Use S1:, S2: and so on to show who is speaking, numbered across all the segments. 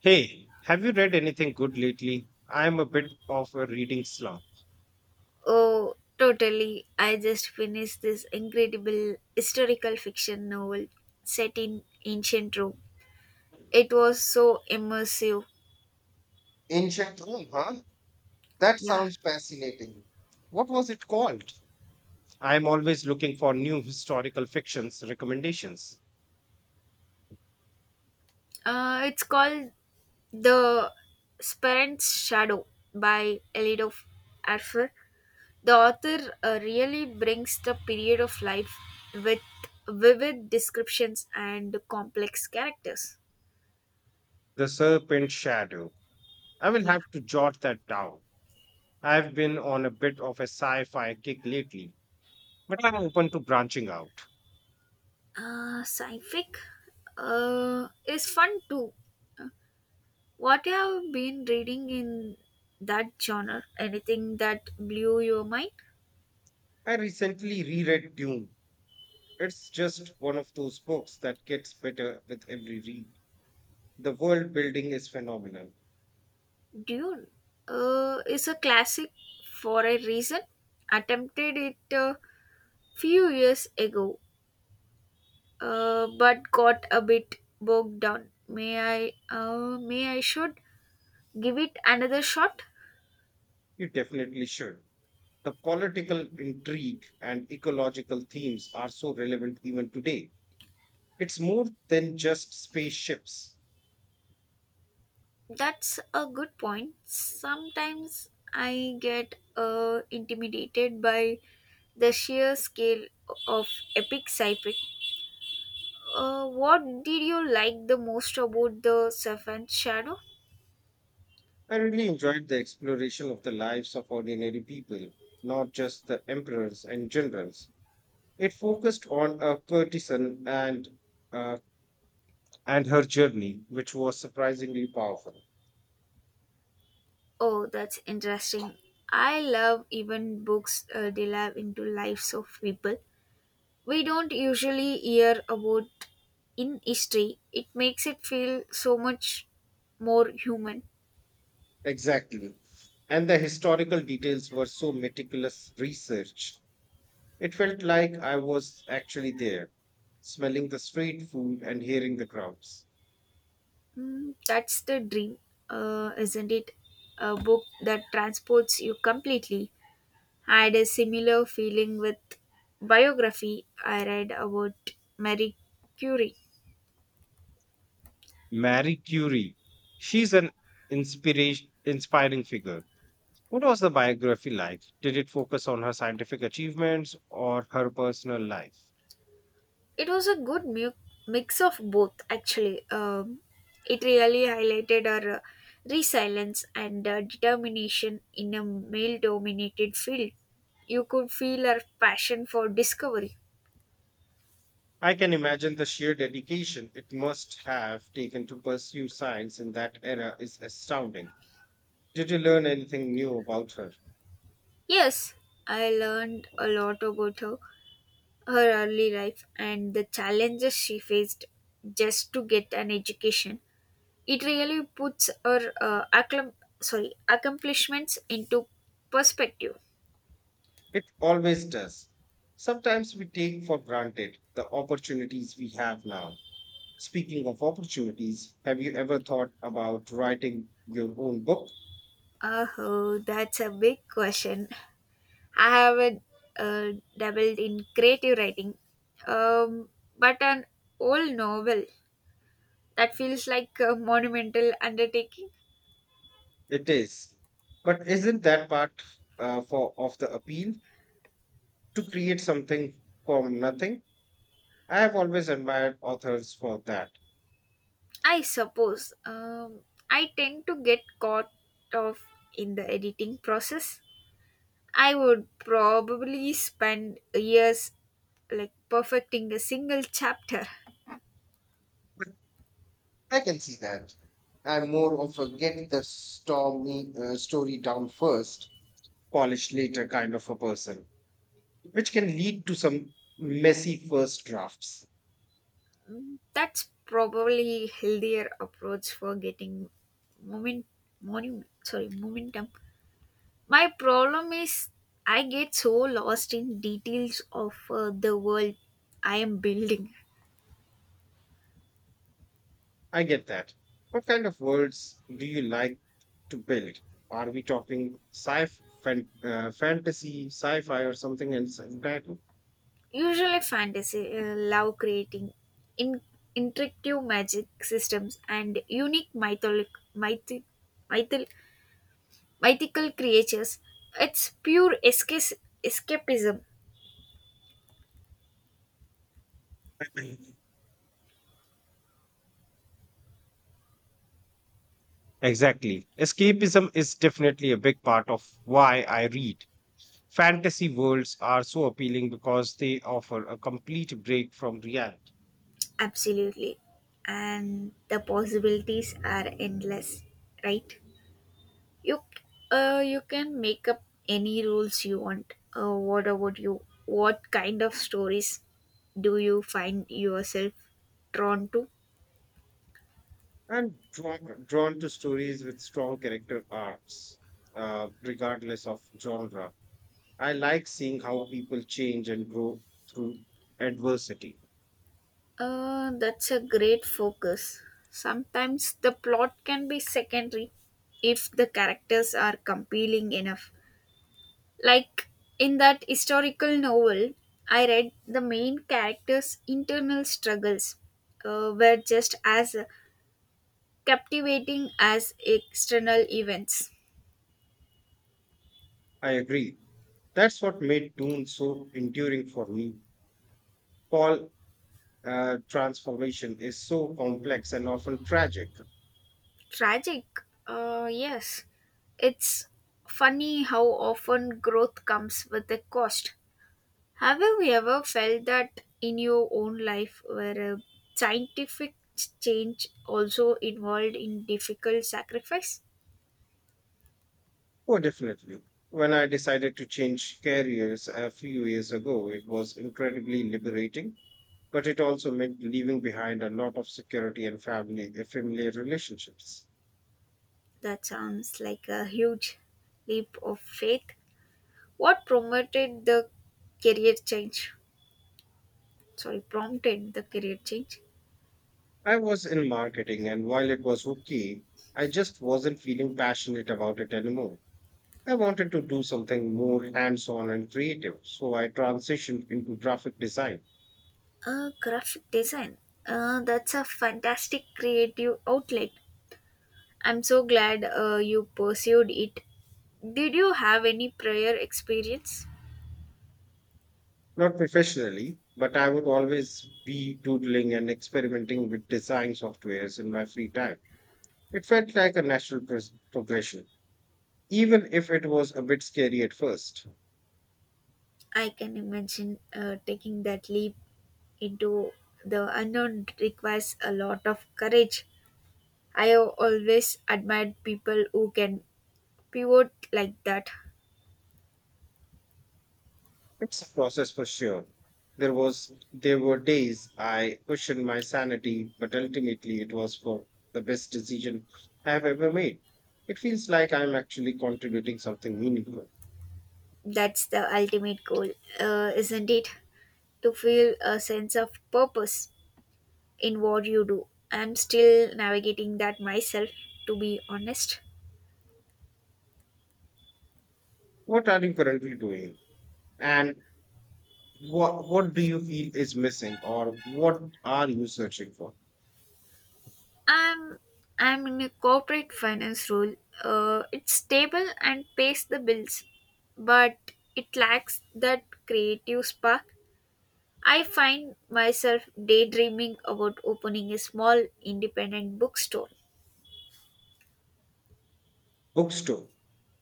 S1: Hey, have you read anything good lately? I'm a bit of a reading slump.
S2: Oh, totally. I just finished this incredible historical fiction novel set in ancient Rome. It was so immersive.
S1: Ancient Rome, huh? That
S2: Yeah.
S1: sounds fascinating. What was it called? I am always looking for new historical fictions recommendations.
S2: It's called The Parent's Shadow by Elido Arfer. The author really brings the period of life with vivid descriptions and complex characters.
S1: The Serpent Shadow. I will
S2: Yeah.
S1: have to jot that down. I've been on a bit of a sci fi kick lately, but I'm open to branching out.
S2: Sci-fic is fun too. What have you been reading in that genre? Anything that blew your mind?
S1: I recently reread Dune. It's just one of those books that gets better with every read. The world building is phenomenal.
S2: Dune is a classic for a reason. Attempted it a few years ago, but got a bit bogged down. May I? May I should give it another shot.
S1: You definitely should. The political intrigue and ecological themes are so relevant even today. It's more than just spaceships.
S2: That's a good point. Sometimes I get intimidated by the sheer scale of epic sci-fi. What did you like the most about the Serpent Shadow?
S1: I really enjoyed the exploration of the lives of ordinary people, not just the emperors and generals. It focused on a courtesan uh, and her journey, which was surprisingly powerful.
S2: Oh, that's interesting. I love even books delve into lives of people we don't usually hear about in history. It makes it feel so much more human.
S1: Exactly, and the historical details were so meticulous research. It felt like I was actually there, smelling the street food and hearing the crowds.
S2: Mm, that's the dream, isn't it? A book that transports you completely. I had a similar feeling with biography I read about Marie Curie.
S1: Marie Curie, she's an inspiration inspiring figure. What was the biography like? Did it focus on her scientific achievements or her personal life?
S2: It was a good mix of both, actually. It really highlighted our resilience and determination in a male dominated field. You could feel her passion for discovery.
S1: I can imagine the sheer dedication it must have taken to pursue science in that era is astounding. Did you learn anything new about her?
S2: Yes, I learned a lot about her, her early life, and the challenges she faced just to get an education. It really puts her accomplishments into perspective.
S1: It always does. Sometimes we take for granted the opportunities we have now. Speaking of opportunities, have you ever thought about writing your own book?
S2: Oh, that's a big question. I haven't uh, dabbled in creative writing, um, but an old novel that feels like a monumental undertaking,
S1: It is. But isn't that part for of the appeal to create something from nothing? I have always admired authors for that.
S2: I suppose. I tend to get caught off in the editing process. I would probably spend years like perfecting a single chapter.
S1: But I can see that. I'm more of a get the stormy story down first, polished later kind of a person, which can lead to some messy first drafts.
S2: That's probably healthier approach for getting moment, momentum. My problem is I get so lost in details of the world I am building.
S1: I get that. What kind of worlds do you like to build? Are we talking sci fan, fantasy, sci fi, or something else entirely?
S2: Usually, fantasy love creating in intricate magic systems and unique mythic, mythil, mythical creatures. It's pure escapism.
S1: Exactly. Escapism is definitely a big part of why I read. Fantasy worlds are so appealing because they offer a complete break from reality.
S2: Absolutely. And the possibilities are endless, right? You you can make up any rules you want. What about you? What kind of stories do you find yourself drawn to?
S1: I'm drawn to stories with strong character arcs, regardless of genre. I like seeing how people change and grow through adversity.
S2: That's a great focus. Sometimes the plot can be secondary if the characters are compelling enough. Like in that historical novel I read, the main character's internal struggles were just as captivating as external events.
S1: I agree. That's what made Dune so enduring for me. Paul transformation is so complex and often tragic.
S2: Tragic, yes. It's funny how often growth comes with a cost. Have you ever felt that in your own life where a scientific change also involved in difficult sacrifice?
S1: Oh, definitely. When I decided to change careers a few years ago, it was incredibly liberating, but it also meant leaving behind a lot of security and family familiar relationships.
S2: That sounds like a huge leap of faith. What promoted the career prompted the career change.
S1: I was in marketing, and while it was okay, I just wasn't feeling passionate about it anymore. I wanted to do something more hands on and creative, so I transitioned into graphic design.
S2: Graphic design. That's a fantastic creative outlet. I'm so glad you pursued it. Did you have any prior experience?
S1: Not professionally, but I would always be doodling and experimenting with design softwares in my free time. It felt like a natural progression, even if it was a bit scary at first.
S2: I can imagine taking that leap into the unknown requires a lot of courage. I have always admired people who can pivot like that.
S1: It's a process for sure. There were days I questioned my sanity, but ultimately it was for the best decision I've ever made. It feels like I'm actually contributing something meaningful.
S2: That's the ultimate goal, isn't it? To feel a sense of purpose in what you do. I'm still navigating that myself, to be honest.
S1: What are you currently doing? And what do you feel is missing, or what are you searching for?
S2: I'm I'm in a corporate finance role. It's stable and pays the bills, but it lacks that creative spark. I find myself daydreaming about opening a small independent bookstore.
S1: Bookstore.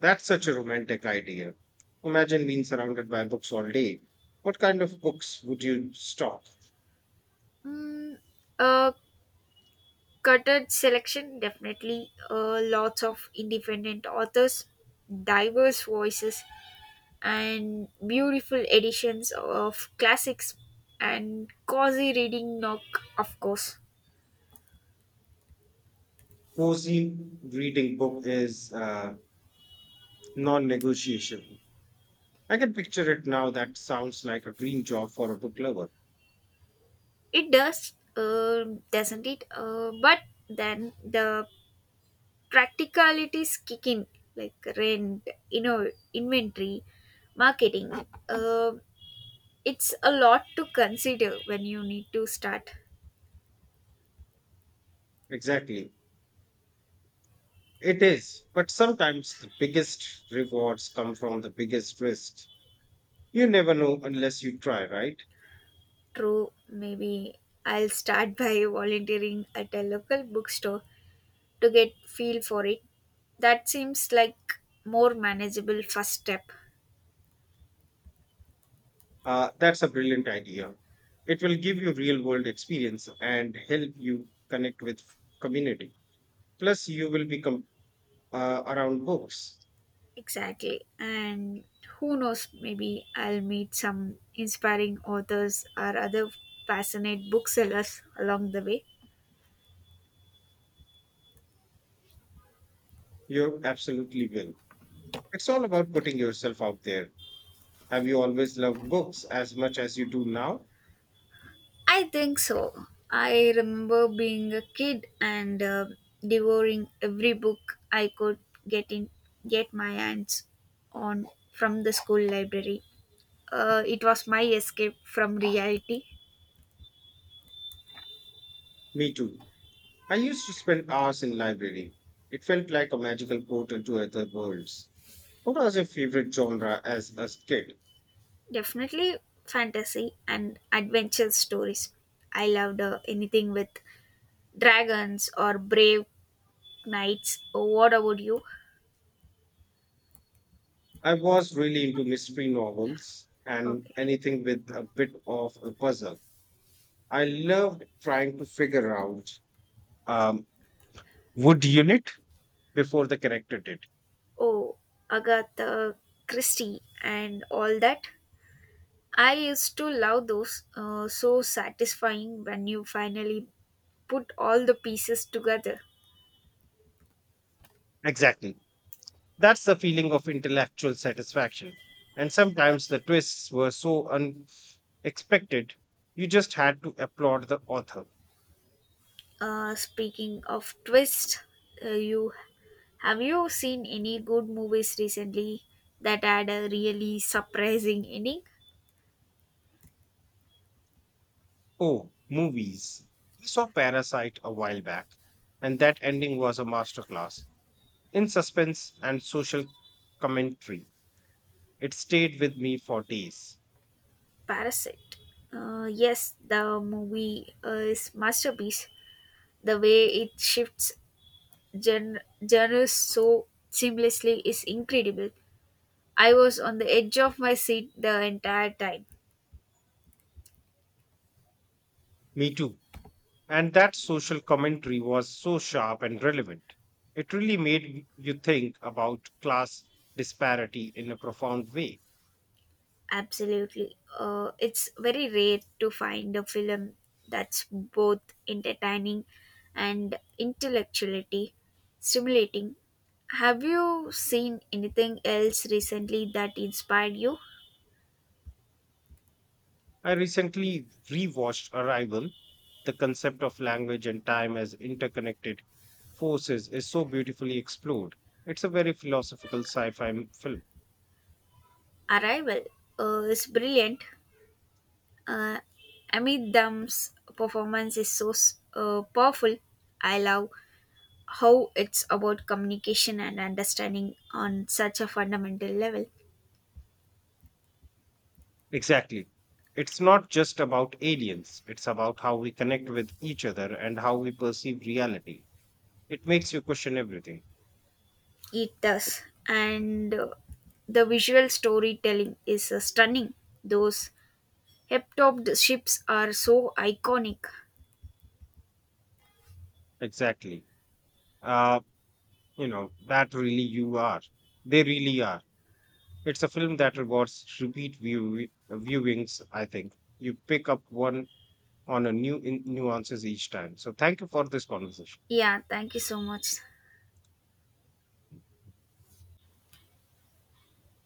S1: That's such a romantic idea. Imagine being surrounded by books all day. What kind of books would you stock?
S2: Mm, a Cutted selection, definitely. Lots of independent authors, diverse voices, and beautiful editions of classics and cozy reading. Knock, of course,
S1: Cozy reading book is non-negotiable. I can picture it now. That sounds like a dream job for a book lover.
S2: it does, doesn't it? But then the practicalities kick in, like rent, you know, inventory, marketing. Uh, it's a lot to consider when you need to start.
S1: Exactly. It is. But sometimes the biggest rewards come from the biggest risks. You never know unless you try, right?
S2: True, maybe I'll start by volunteering at a local bookstore to get feel for it. That seems like more manageable first step.
S1: That's a brilliant idea. It will give you real world experience and help you connect with community. Plus, you will become around books.
S2: Exactly. And who knows, maybe I'll meet some inspiring authors or other passionate booksellers along the way.
S1: You absolutely will. It's all about putting yourself out there. Have you always loved books as much as you do now?
S2: I think so. I remember being a kid and devouring every book I could get in get my hands on from the school library. It was my escape from reality.
S1: Me too. I used to spend hours in library. It felt like a magical portal to other worlds. What was your favorite genre as a kid?
S2: Definitely fantasy and adventure stories. I loved anything with dragons or brave knights. Oh, what about you?
S1: I was really into mystery novels and
S2: Okay.
S1: anything with a bit of a puzzle. I loved trying to figure out um, would unit before the character did.
S2: Oh, Agatha Christie and all that. I used to love those, so satisfying when you finally put all the pieces together.
S1: Exactly. That's the feeling of intellectual satisfaction. And sometimes the twists were so unexpected, you just had to applaud the author.
S2: Speaking of twist, you have you seen any good movies recently that had a really surprising ending?
S1: Oh, movies. We saw Parasite a while back, and that ending was a masterclass in suspense and social commentary. It stayed with me for days.
S2: Parasite. Yes, the movie is masterpiece. The way it shifts gen- genres so seamlessly is incredible. I was on the edge of my seat the entire time.
S1: Me too. And that social commentary was so sharp and relevant. It really made you think about class disparity in a profound way.
S2: Absolutely. It's very rare to find a film that's both entertaining and intellectually stimulating. Have you seen anything else recently that inspired you?
S1: I recently rewatched Arrival. The concept of language and time as interconnected forces is so beautifully explored. It's a very philosophical sci fi film.
S2: Arrival is brilliant. Uh, Amit Dam's performance is so powerful. I love how it's about communication and understanding on such a fundamental level.
S1: Exactly. It's not just about aliens, it's about how we connect with each other and how we perceive reality. It makes you question everything.
S2: It does. And the visual storytelling is stunning. Those heptopped ships are so iconic.
S1: Exactly. Uh, that really you are. They really are. It's a film that rewards repeat viewings, I think. You pick up one on a new nuances each time. So thank you for this conversation.
S2: Yeah, thank you so much.